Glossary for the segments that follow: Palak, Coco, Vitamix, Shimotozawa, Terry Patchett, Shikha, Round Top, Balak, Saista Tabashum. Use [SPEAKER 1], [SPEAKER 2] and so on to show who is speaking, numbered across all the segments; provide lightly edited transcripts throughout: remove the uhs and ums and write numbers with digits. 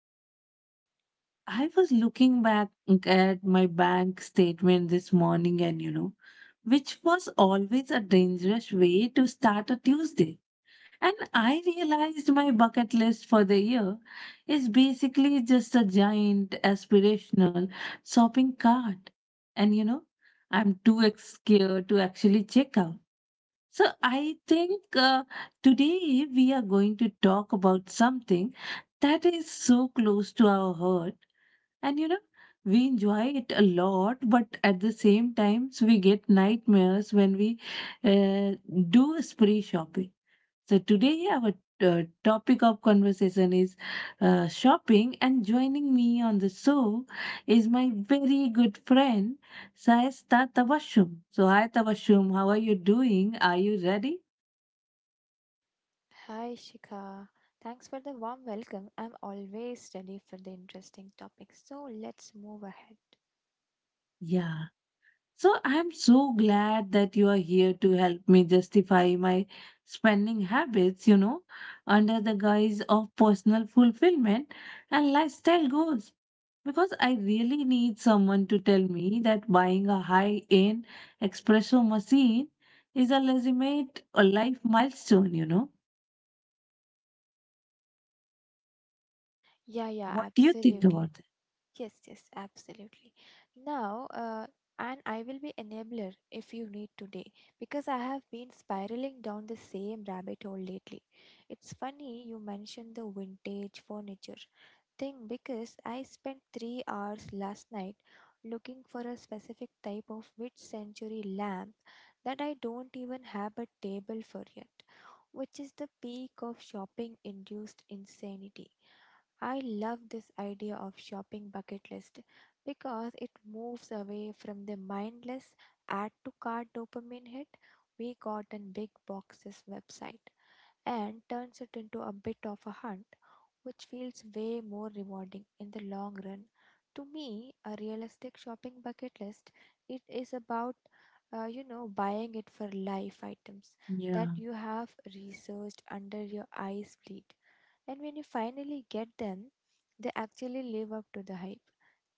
[SPEAKER 1] And I was looking back at my bank statement this morning, which was always a dangerous way to start a Tuesday. And I realized my bucket list for the year is basically just a giant aspirational shopping cart. And you know, I'm scared to actually check out, so I think today we are going to talk about something that is so close to our heart. And you know, we enjoy it a lot, but at the same times we get nightmares when we uh, do spree shopping. So today our topic of conversation is shopping, and joining me on the show is my very good friend Saista Tabashum. So hi Tabashum, how are you doing? Are you ready?
[SPEAKER 2] Hi, Shika. Thanks for the warm welcome. I'm always ready for the interesting topics. So let's move ahead.
[SPEAKER 1] Yeah. So I'm so glad that you are here to help me justify my spending habits, under the guise of personal fulfillment and lifestyle goals. Because I really need someone to tell me that buying a high end espresso machine is a legitimate life milestone.
[SPEAKER 2] Yeah, yeah,
[SPEAKER 1] What do you think
[SPEAKER 2] absolutely.
[SPEAKER 1] about that?
[SPEAKER 2] Yes, yes, absolutely. Now, uh, and I will be enabler if you need today, because I have been spiraling down the same rabbit hole lately. It's funny you mentioned the vintage furniture thing, because I spent 3 hours last night looking for a specific type of mid century lamp that I don't even have a table for yet, which is the peak of shopping induced insanity. I love this idea of shopping bucket list because it moves away from the mindless add to cart dopamine hit we got in big boxes website, and turns it into a bit of a hunt which feels way more rewarding in the long run. To me, a realistic shopping bucket list it is about buying it for life items that
[SPEAKER 1] Yeah,
[SPEAKER 2] you have researched under your eyes bleed, and when you finally get them, they actually live up to the hype.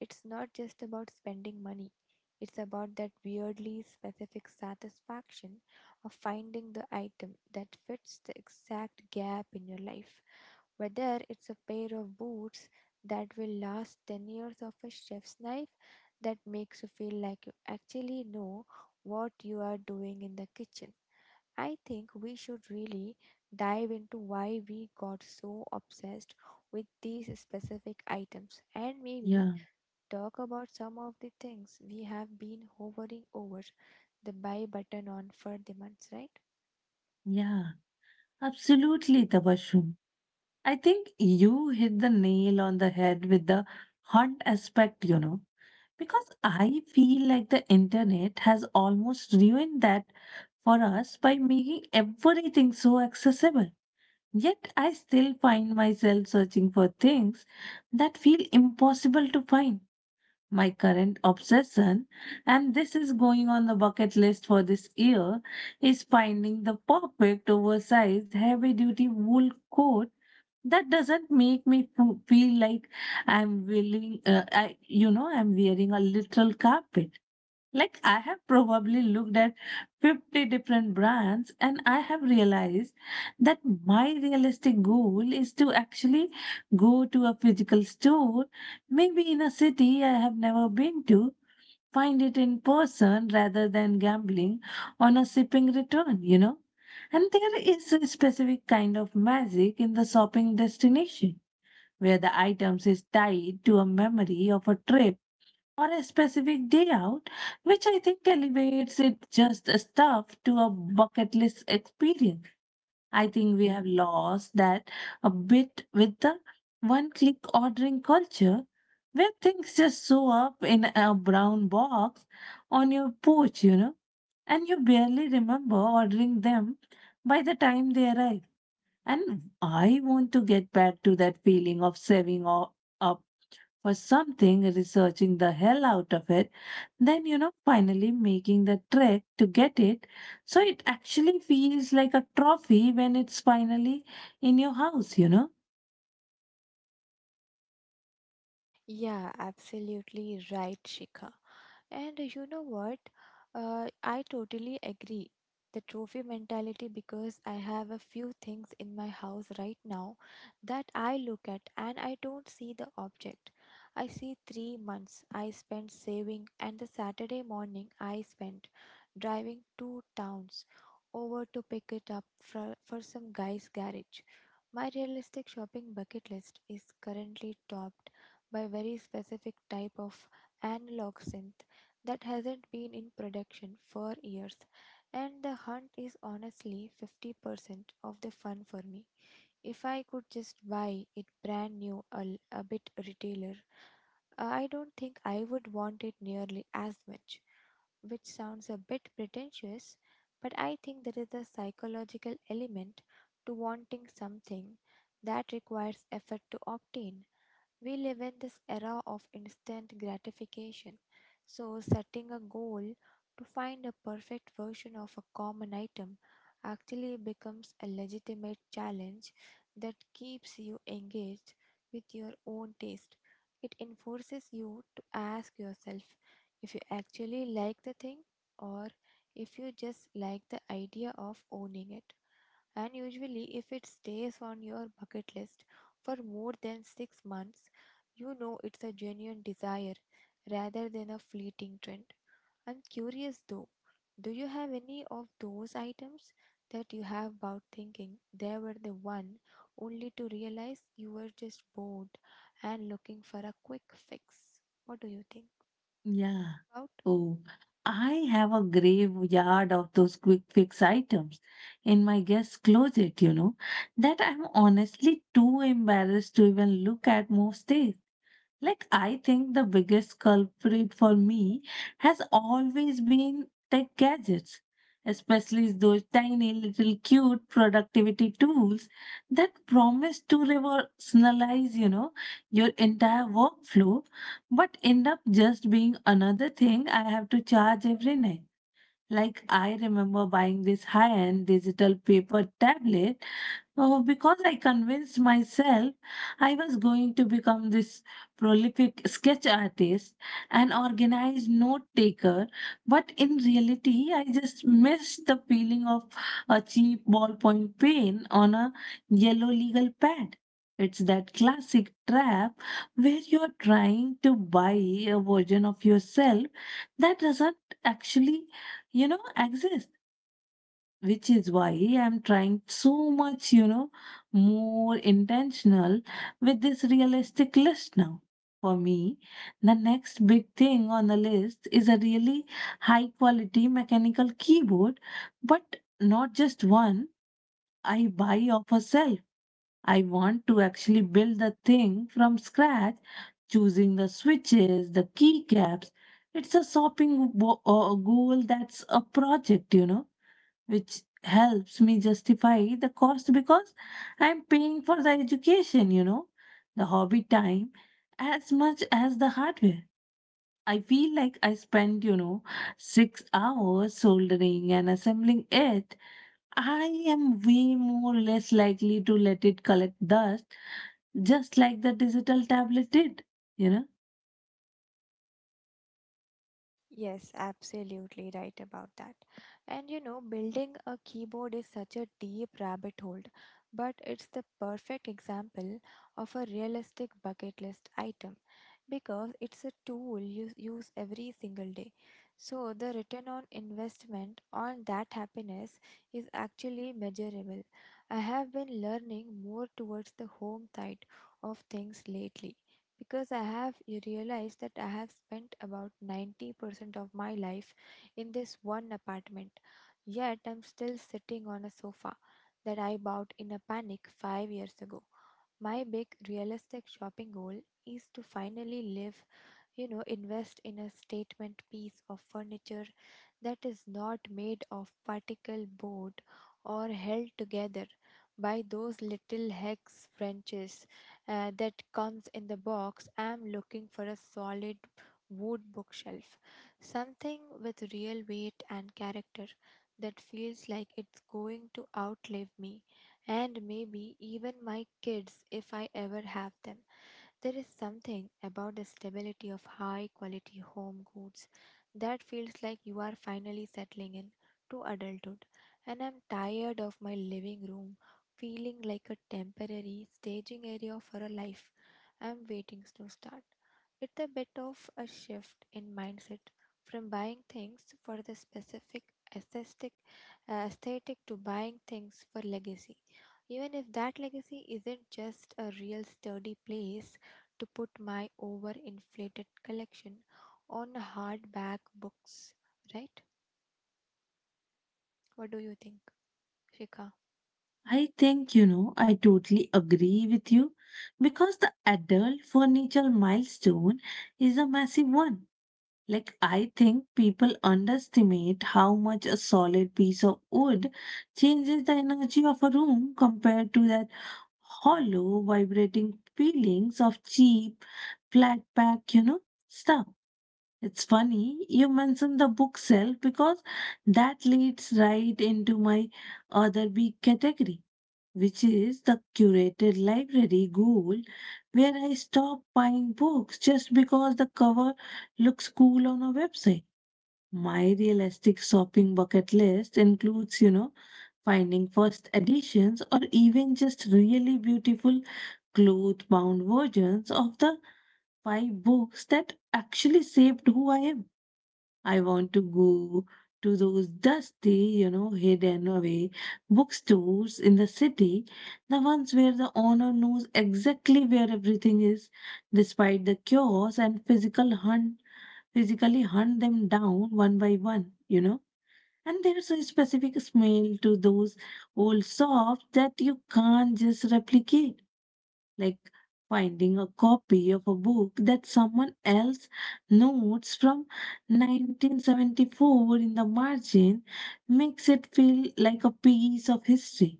[SPEAKER 2] It's not just about spending money, it's about that weirdly specific satisfaction of finding the item that fits the exact gap in your life. Whether it's a pair of boots that will last 10 years of a chef's knife that makes you feel like you actually know what you are doing in the kitchen, I think we should really dive into why we got so obsessed with these specific items, and maybe
[SPEAKER 1] yeah,
[SPEAKER 2] talk about some of the things we have been hovering over the buy button on for the months, right?
[SPEAKER 1] yeah. Absolutely, Tabashum. I think you hit the nail on the head with the hunt aspect, because I feel like the internet has almost ruined that for us by making everything so accessible. Yet I still find myself searching for things that feel impossible to find. My current obsession, and this is going on the bucket list for this year, is finding the perfect oversized heavy duty wool coat that doesn't make me feel like I'm willing I you know I'm wearing a literal carpet. Like, I have probably looked at 50 different brands and I have realized that my realistic goal is to actually go to a physical store, maybe in a city I have never been to, find it in person rather than gambling on a shipping return. And there is a specific kind of magic in the shopping destination where the items is tied to a memory of a trip or a specific day out, which I think elevates it just a stuff to a bucket list experience. I think we have lost that a bit with the one click ordering culture where things just show up in a brown box on your porch, and you barely remember ordering them by the time they arrive. And I want to get back to that feeling of up for something, researching the hell out of it, then finally making the trek to get it, so it actually feels like a trophy when it's finally in your house.
[SPEAKER 2] Yeah, absolutely right, Shikha. And you know what? I totally agree. The trophy mentality, because I have a few things in my house right now that I look at and I don't see the object. I see 3 months I spent saving, and the Saturday morning I spent driving two towns over to pick it up for some guy's garage. My realistic shopping bucket list is currently topped by very specific type of analog synth that hasn't been in production for years, and the hunt is honestly 50% of the fun for me. If I could just buy it brand new a bit retailer, I don't think I would want it nearly as much, which sounds a bit pretentious, but I think there is a psychological element to wanting something that requires effort to obtain. We live in this era of instant gratification, so setting a goal to find a perfect version of a common item actually becomes a legitimate challenge that keeps you engaged with your own taste. It enforces you to ask yourself if you actually like the thing, or if you just like the idea of owning it. And usually, if it stays on your bucket list for more than 6 months, you know it's a genuine desire rather than a fleeting trend. I'm curious though, do you have any of those items that you have about thinking they were the one, only to realize you were just bored and looking for a quick fix? What do you think
[SPEAKER 1] Yeah.
[SPEAKER 2] about?
[SPEAKER 1] Oh, I have a graveyard of those quick fix items in my guest closet that I'm honestly too embarrassed to even look at most days. Like, I think the biggest culprit for me has always been tech gadgets, especially those tiny little cute productivity tools that promise to revolutionize your entire workflow, but end up just being another thing I have to charge every night. Like, I remember buying this high end digital paper tablet. Oh, because I convinced myself I was going to become this prolific sketch artist and organized note taker, but in reality, I just missed the feeling of a cheap ballpoint pen on a yellow legal pad. It's that classic trap where you're trying to buy a version of yourself that doesn't actually exist, which is why I'm trying so much, more intentional with this realistic list now. For me, the next big thing on the list is a really high quality mechanical keyboard, but not just one I buy off a shelf. I want to actually build the thing from scratch, choosing the switches, the keycaps. It's a shopping goal that's a project, which helps me justify the cost because I'm paying for the education, the hobby time as much as the hardware. I feel like I spend 6 hours soldering and assembling it. I am way more less likely to let it collect dust, just like the digital tablet did, you know.
[SPEAKER 2] Yes, absolutely right about that. And you know, building a keyboard is such a deep rabbit hole, but it's the perfect example of a realistic bucket list item because it's a tool you use every single day. So the return on investment on that happiness is actually measurable. I have been learning more towards the home side of things lately, because I have you realize that I have spent about 90% of my life in this one apartment, yet I'm still sitting on a sofa that I bought in a panic 5 years ago. My big realistic shopping goal is to finally live, you know, invest in a statement piece of furniture that is not made of particle board, or held together by those little hex wrenches that comes in the box. I'm looking for a solid wood bookshelf, something with real weight and character that feels like it's going to outlive me, and maybe even my kids if I ever have them. There is something about the stability of high quality home goods that feels like you are finally settling in to adulthood. And I'm tired of my living room feeling like a temporary staging area for a life I'm waiting to start. It's a bit of a shift in mindset from buying things for the specific aesthetic, aesthetic to buying things for legacy. Even if that legacy isn't just a real sturdy place to put my overinflated collection on hardback books, right? What do you think, Shika?
[SPEAKER 1] I think, I totally agree with you because the adult furniture milestone is a massive one. Like, I think people underestimate how much a solid piece of wood changes the energy of a room compared to that hollow, vibrating feelings of cheap, flat pack, stuff. It's funny you mentioned the bookshelf because that leads right into my other big category, which is the curated library goal, where I stop buying books just because the cover looks cool on a website. My realistic shopping bucket list includes finding first editions or even just really beautiful cloth bound versions of the five books that actually shaped who I am. I want to go to those dusty, hidden away bookstores in the city, the ones where the owner knows exactly where everything is, despite the chaos and physically hunt them down one by one, and there's a specific smell to those old shops that you can't just replicate, like finding a copy of a book that someone else notes from 1974 in the margin makes it feel like a piece of history,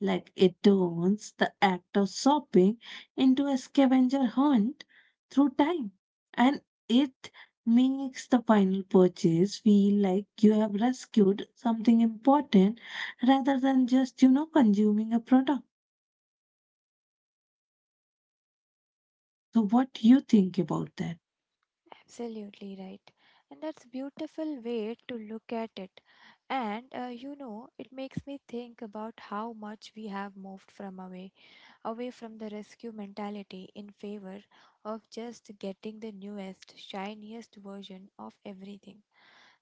[SPEAKER 1] like it turns the act of shopping into a scavenger hunt through time. And it makes the final purchase feel like you have rescued something important rather than just consuming a product. So, what do you think about that?
[SPEAKER 2] Absolutely right. And that's beautiful way to look at it. And you know, it makes me think about how much we have moved away from the rescue mentality in favor of just getting the newest, shiniest version of everything.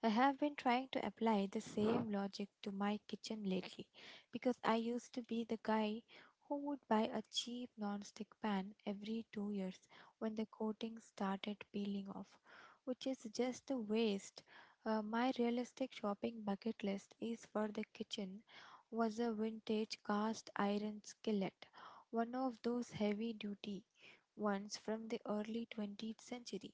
[SPEAKER 2] I have been trying to apply the same logic to my kitchen lately, because I used to be the guy who would buy a cheap non-stick pan every 2 years when the coating started peeling off, which is just a waste. My realistic shopping bucket list is for the kitchen was a vintage cast iron skillet, one of those heavy duty ones from the early 20th century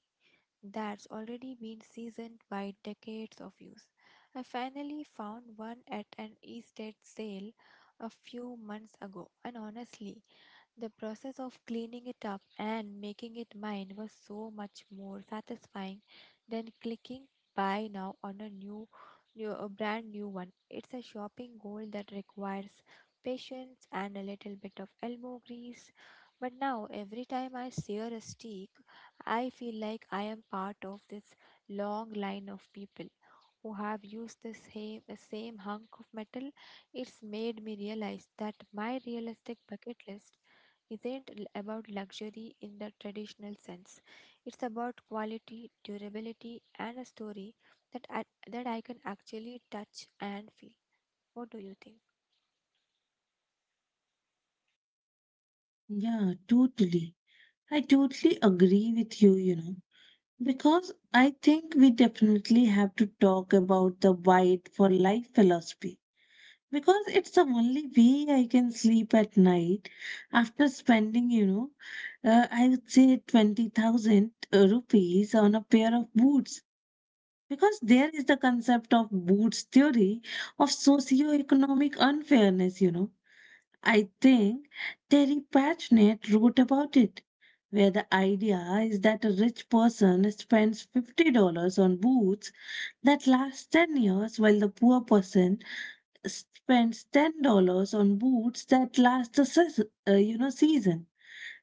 [SPEAKER 2] that's already been seasoned by decades of use. I finally found one at an estate sale a few months ago, and honestly, the process of cleaning it up and making it mine was so much more satisfying than clicking buy now on a new, new a brand new one. It's a shopping goal that requires patience and a little bit of elbow grease. But now every time I sear a steak, I feel like I am part of this long line of people who have used the same hunk of metal. It's made me realize that my realistic bucket list isn't about luxury in the traditional sense. It's about quality, durability, and a story that I, that I can actually touch and feel. What do you think?
[SPEAKER 1] Yeah, totally. I totally agree with you, because I think we definitely have to talk about the wide for life philosophy. Because it's the only way I can sleep at night after spending, I would say 20,000 rupees on a pair of boots. Because there is the concept of boots theory of socio-economic unfairness. I think Terry Patchett wrote about it, where the idea is that a rich person spends $50 on boots that lasts 10 years while the poor person spends $10 on boots that last the season, you know season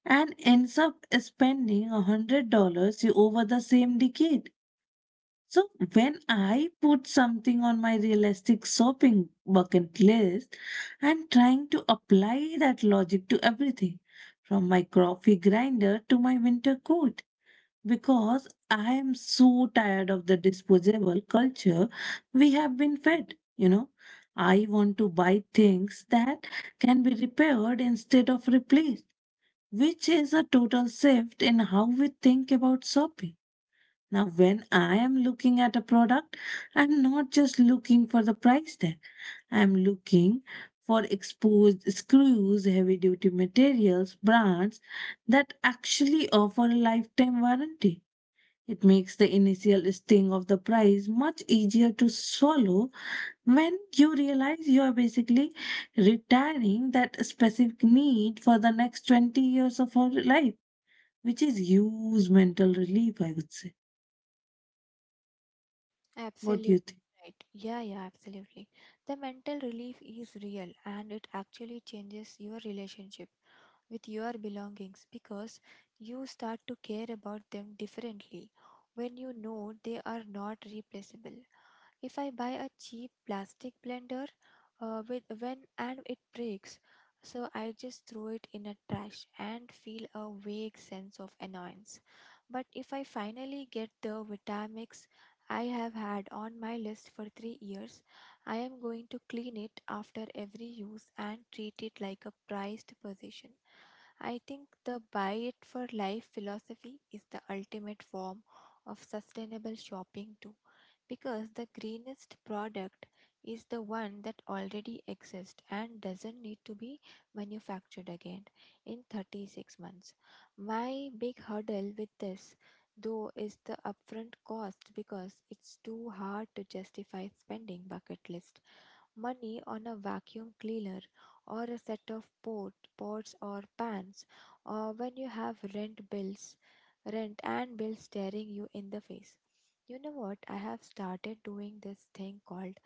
[SPEAKER 1] and ends up spending $100 over the same decade. So when I put something on my realistic shopping bucket list, I'm trying to apply that logic to everything from my coffee grinder to my winter coat, because I am so tired of the disposable culture we have been fed. You know, I want to buy things that can be repaired instead of replaced, which is a total shift in how we think about shopping. Now, when I am looking at a product, I'm not just looking for the price tag, I'm looking for exposed screws, heavy duty materials, brands that actually offer a lifetime warranty. It makes the initial sting of the prize much easier to swallow when you realize you are basically retiring that specific need for the next 20 years of our life, which is huge mental relief, I would say. What do you
[SPEAKER 2] Absolutely
[SPEAKER 1] think?
[SPEAKER 2] right. Yeah, yeah, absolutely. The mental relief is real, and it actually changes your relationship with your belongings because you start to care about them differently when you know they are not replaceable. If I buy a cheap plastic blender with when and it breaks, so I just throw it in a trash and feel a vague sense of annoyance. But if I finally get the Vitamix I have had on my list for 3 years, I am going to clean it after every use and treat it like a prized possession. I think the buy it for life philosophy is the ultimate form of sustainable shopping too, because the greenest product is the one that already exists and doesn't need to be manufactured again in 36 months. My big hurdle with this though is the upfront cost, because it's too hard to justify spending bucket list money on a vacuum cleaner or a set of pots or pans, or when you have rent and bills staring you in the face. You know what? I have started doing this thing called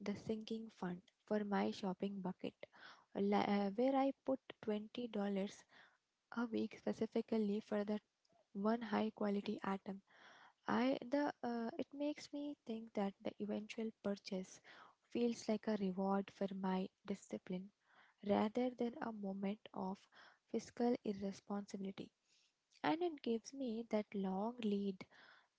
[SPEAKER 2] the sinking fund for my shopping bucket, where I put $20 a week specifically for that one high quality atom. I the It makes me think that the eventual purchase feels like a reward for my discipline rather than a moment of fiscal irresponsibility. And it gives me that long lead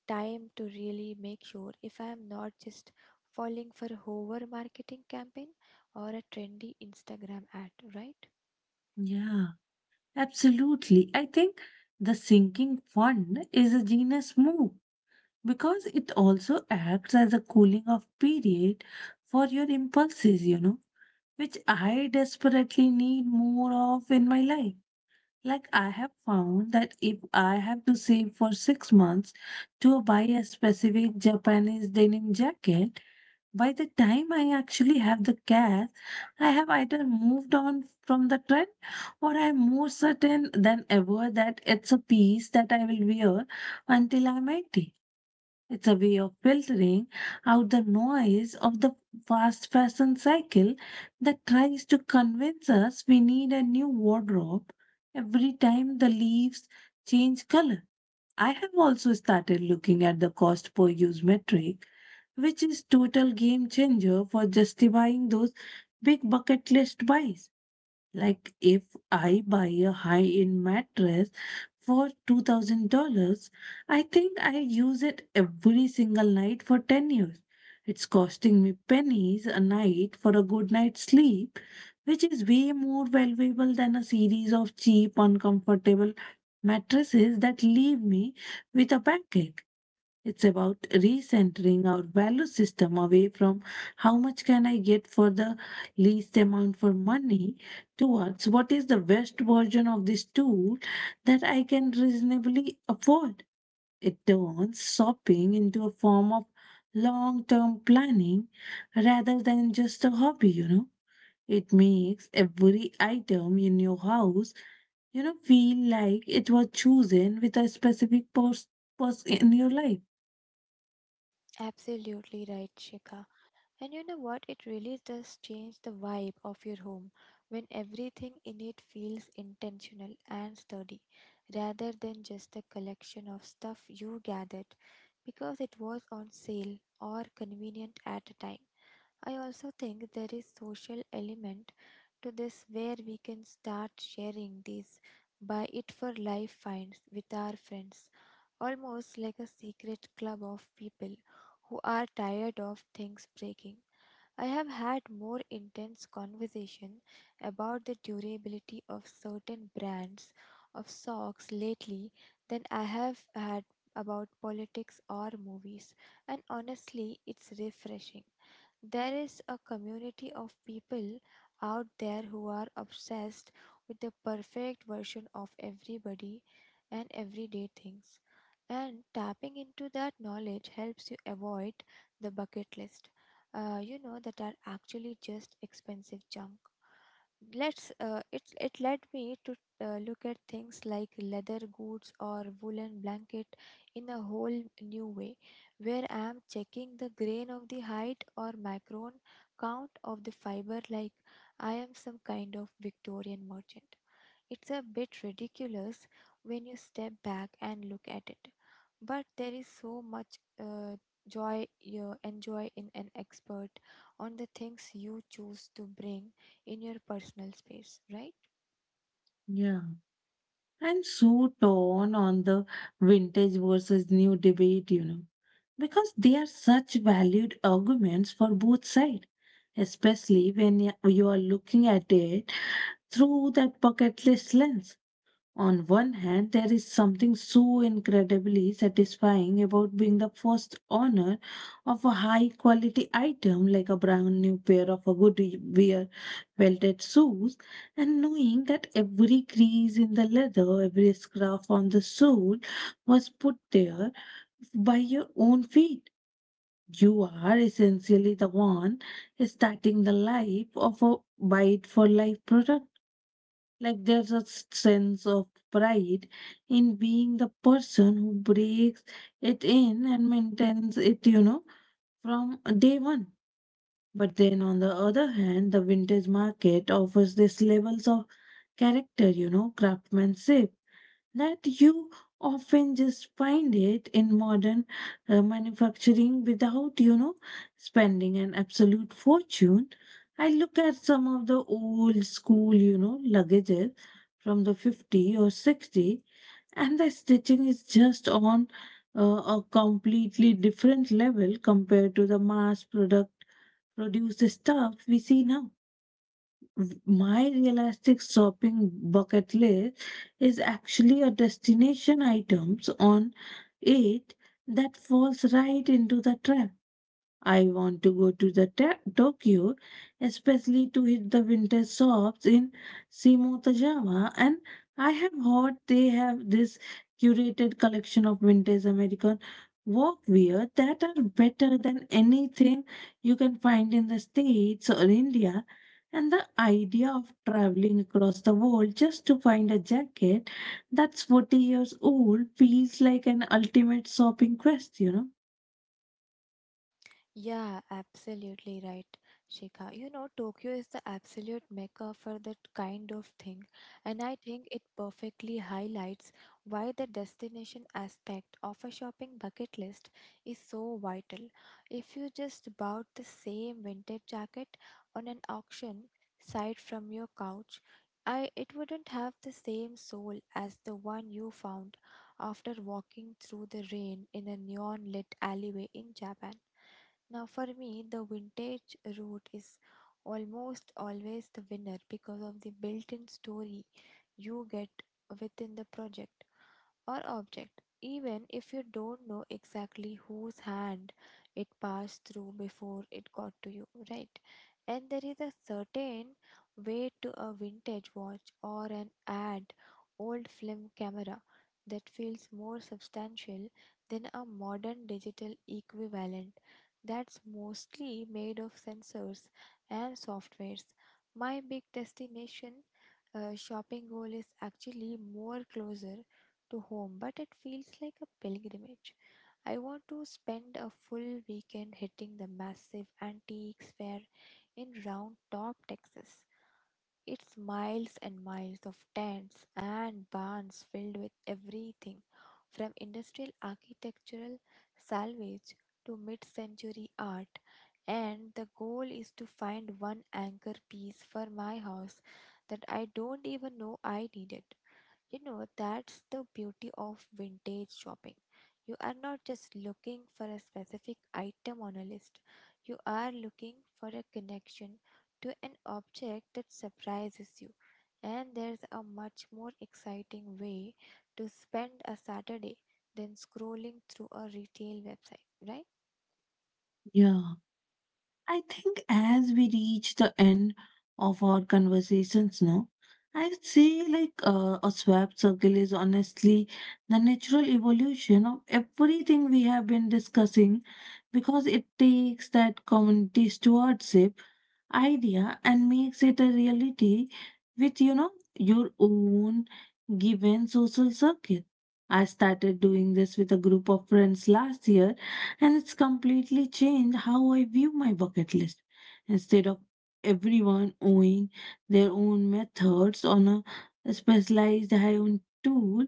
[SPEAKER 2] time to really make sure if I am not just falling for a hover marketing campaign or a trendy Instagram ad, right?
[SPEAKER 1] Yeah, absolutely. I think the sinking fund is a genius move because it also acts as a cooling off period for your impulses, which I desperately need more of in my life. Like, I have found that if I have to save for 6 months to buy a specific Japanese denim jacket, by the time I actually have the cash, I have either moved on from the trend or I'm more certain than ever that it's a piece that I will wear until I'm 80. It's a way of filtering out the noise of the fast fashion cycle that tries to convince us we need a new wardrobe every time the leaves change color. I have also started looking at the cost per use metric, which is total game changer for justifying those big bucket list buys. Like, if I buy a high-end mattress for $2,000, I think I use it every single night for 10 years. It's costing me pennies a night for a good night's sleep, which is way more valuable than a series of cheap, uncomfortable mattresses that leave me with a backache. It's about recentering our value system away from how much can I get for the least amount for money towards what is the best version of this tool that I can reasonably afford. It turns shopping into a form of long term planning rather than just a hobby, It makes every item in your house, feel like it was chosen with a specific purpose purpose in your life.
[SPEAKER 2] Absolutely right, Shika. And you know what? It really does change the vibe of your home when everything in it feels intentional and sturdy rather than just a collection of stuff you gathered because it was on sale or convenient at a time. I also think there is social element to this, where we can start sharing these buy it for life finds with our friends, almost like a secret club of people who are tired of things breaking. I have had more intense conversation about the durability of certain brands of socks lately than I have had about politics or movies, and honestly, it's refreshing. There is a community of people out there who are obsessed with the perfect version of everybody and everyday things, and tapping into that knowledge helps you avoid the bucket list that are actually just expensive junk. Let's It led me to look at things like leather goods or woolen blanket in a whole new way, where I am checking the grain of the height or macron count of the fiber, like I am some kind of Victorian merchant. It's a bit ridiculous when you step back and look at it, but there is so much joy you enjoy in an expert on the things you choose to bring in your personal space, right?
[SPEAKER 1] Yeah. I'm so torn on the vintage versus new debate, because they are such valued arguments for both sides, especially when you are looking at it through that bucketless lens. On one hand, there is something so incredibly satisfying about being the first owner of a high quality item like a brand new pair of a good wear welted shoes, and knowing that every crease in the leather, every scuff on the sole was put there by your own feet. You are essentially the one starting the life of a bite for life product. Like there's a sense of pride in being the person who breaks it in and maintains it, you know, from day one. But then on the other hand, the vintage market offers these levels of character, you know, craftsmanship that you often just find it in modern manufacturing without you know spending an absolute fortune. I look at some of the old school, you know, luggages from the 50 or 60, and the stitching is just on a completely different level compared to the mass product produce the stuff we see now. My realistic shopping bucket list is actually a destination items on it that falls right into the trap. I want to go to the Tokyo, especially to hit the winter shops in Shimotozawa. And I have heard they have this curated collection of vintage American workwear that are better than anything you can find in the States or India. And the idea of traveling across the world just to find a jacket that's 40 years old feels like an ultimate shopping quest, you know?
[SPEAKER 2] Yeah, absolutely right, Shikha. You know, Tokyo is the absolute mecca for that kind of thing, and I think it perfectly highlights why the destination aspect of a shopping bucket list is so vital. If you just bought the same vintage jacket on an auction site from your couch, I it wouldn't have the same soul as the one you found after walking through the rain in a neon lit alleyway in Japan. Now, for me, the vintage route is almost always the winner because of the built in story you get within the project or object, even if you don't know exactly whose hand it passed through before it got to you, right? And there is a certain weight to a vintage watch or an ad old film camera that feels more substantial than a modern digital equivalent that's mostly made of sensors and softwares. My big destination shopping goal is actually more closer to home, but it feels like a pilgrimage. I want to spend a full weekend hitting the massive antiques fair in Round Top, Texas. It's miles and miles of tents and barns filled with everything from industrial architectural salvage to mid century art. And the goal is to find one anchor piece for my house that I don't even know I needed. You know, that's the beauty of vintage shopping. You are not just looking for a specific item on a list, you are looking for a connection to an object that surprises you. And there's a much more exciting way to spend a Saturday than scrolling through a retail website, right?
[SPEAKER 1] Yeah. I think as we reach the end of our conversations now, I'd say like a swap circle is honestly the natural evolution of everything we have been discussing because it takes that community stewardship idea and makes it a reality with you know your own given social circle. I started doing this with a group of friends last year, and it's completely changed how I view my bucket list. Instead of everyone owning their own methods on a specialized high-end tool,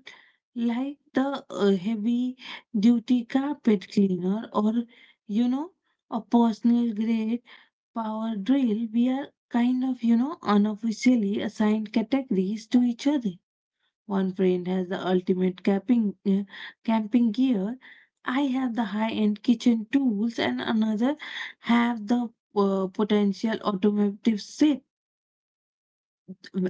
[SPEAKER 1] like the heavy duty carpet cleaner or, you know, a personal grade power drill, we are kind of, you know, unofficially assigned categories to each other. One friend has the ultimate camping gear. I have the high-end kitchen tools, and another have the potential automotive set.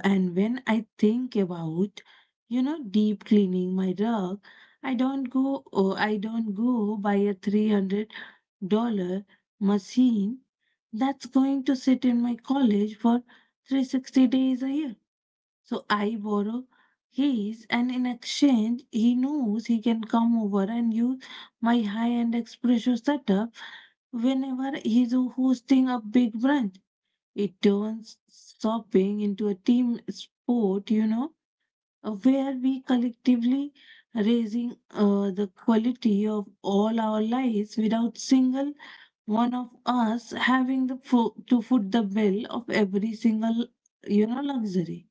[SPEAKER 1] And when I think about, you know, deep cleaning my rug, I don't go. Oh, I don't go buy a $300 machine that's going to sit in my college for 360 days a year. So I borrow his, and in exchange, he knows he can come over and use my high end espresso setup whenever he's hosting a big brunch. It turns shopping into a team sport, you know, where we collectively raising the quality of all our lives without single one of us having the to foot the bill of every single, you know, luxury.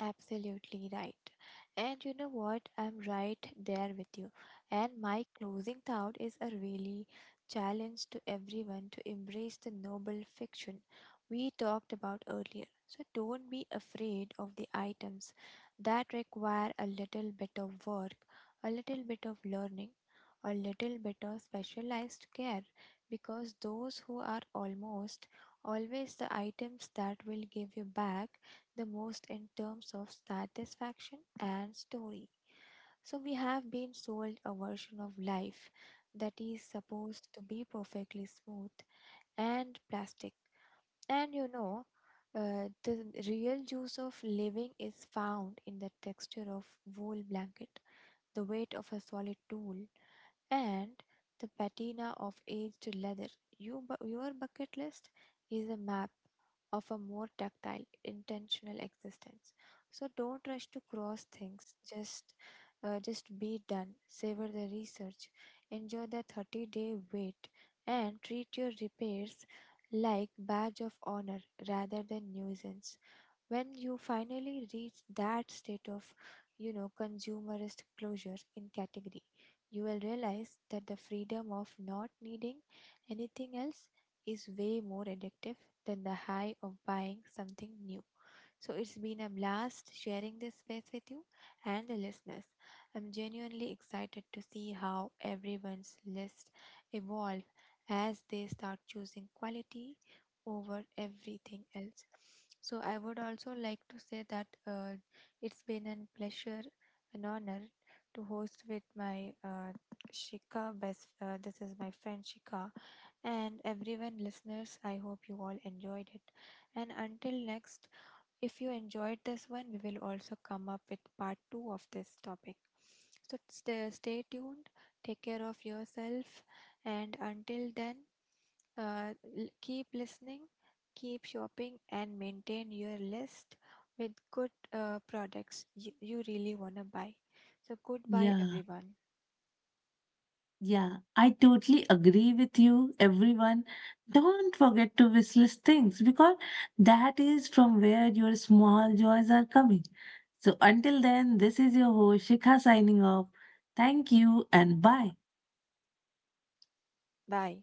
[SPEAKER 2] Absolutely right. And you know what? I'm right there with you. And my closing thought is a really challenge to everyone to embrace the noble fiction we talked about earlier. So don't be afraid of the items that require a little bit of work, a little bit of learning, a little bit of specialized care, because those who are almost always the items that will give you back the most in terms of satisfaction and story. So, we have been sold a version of life that is supposed to be perfectly smooth and plastic. And you know, the real juice of living is found in the texture of wool blanket, the weight of a solid tool, and the patina of aged leather. Your bucket list is a map of a more tactile, intentional existence. So don't rush to cross things. Just be done. Savor the research. Enjoy the 30-day wait, and treat your repairs like badge of honor rather than nuisance. When you finally reach that state of, you know, consumerist closure in category, you will realize that the freedom of not needing anything else is way more addictive than the high of buying something new. So it's been a blast sharing this space with you and the listeners. I'm genuinely excited to see how everyone's list evolve as they start choosing quality over everything else. So I would also like to say that it's been a pleasure, an honor to host with my Shika best. This is my friend Shika, and everyone listeners. I hope you all enjoyed it. And until next, if you enjoyed this one, we will also come up with part two of this topic. So stay tuned, take care of yourself, and until then, keep listening, keep shopping, and maintain your list with good products you really want to buy. So, goodbye,
[SPEAKER 1] Yeah.
[SPEAKER 2] everyone.
[SPEAKER 1] Yeah, I totally agree with you, everyone. Don't forget to wish list things because that is from where your small joys are coming. So until then, this is your host Shikha signing off. Thank you and bye.
[SPEAKER 2] Bye.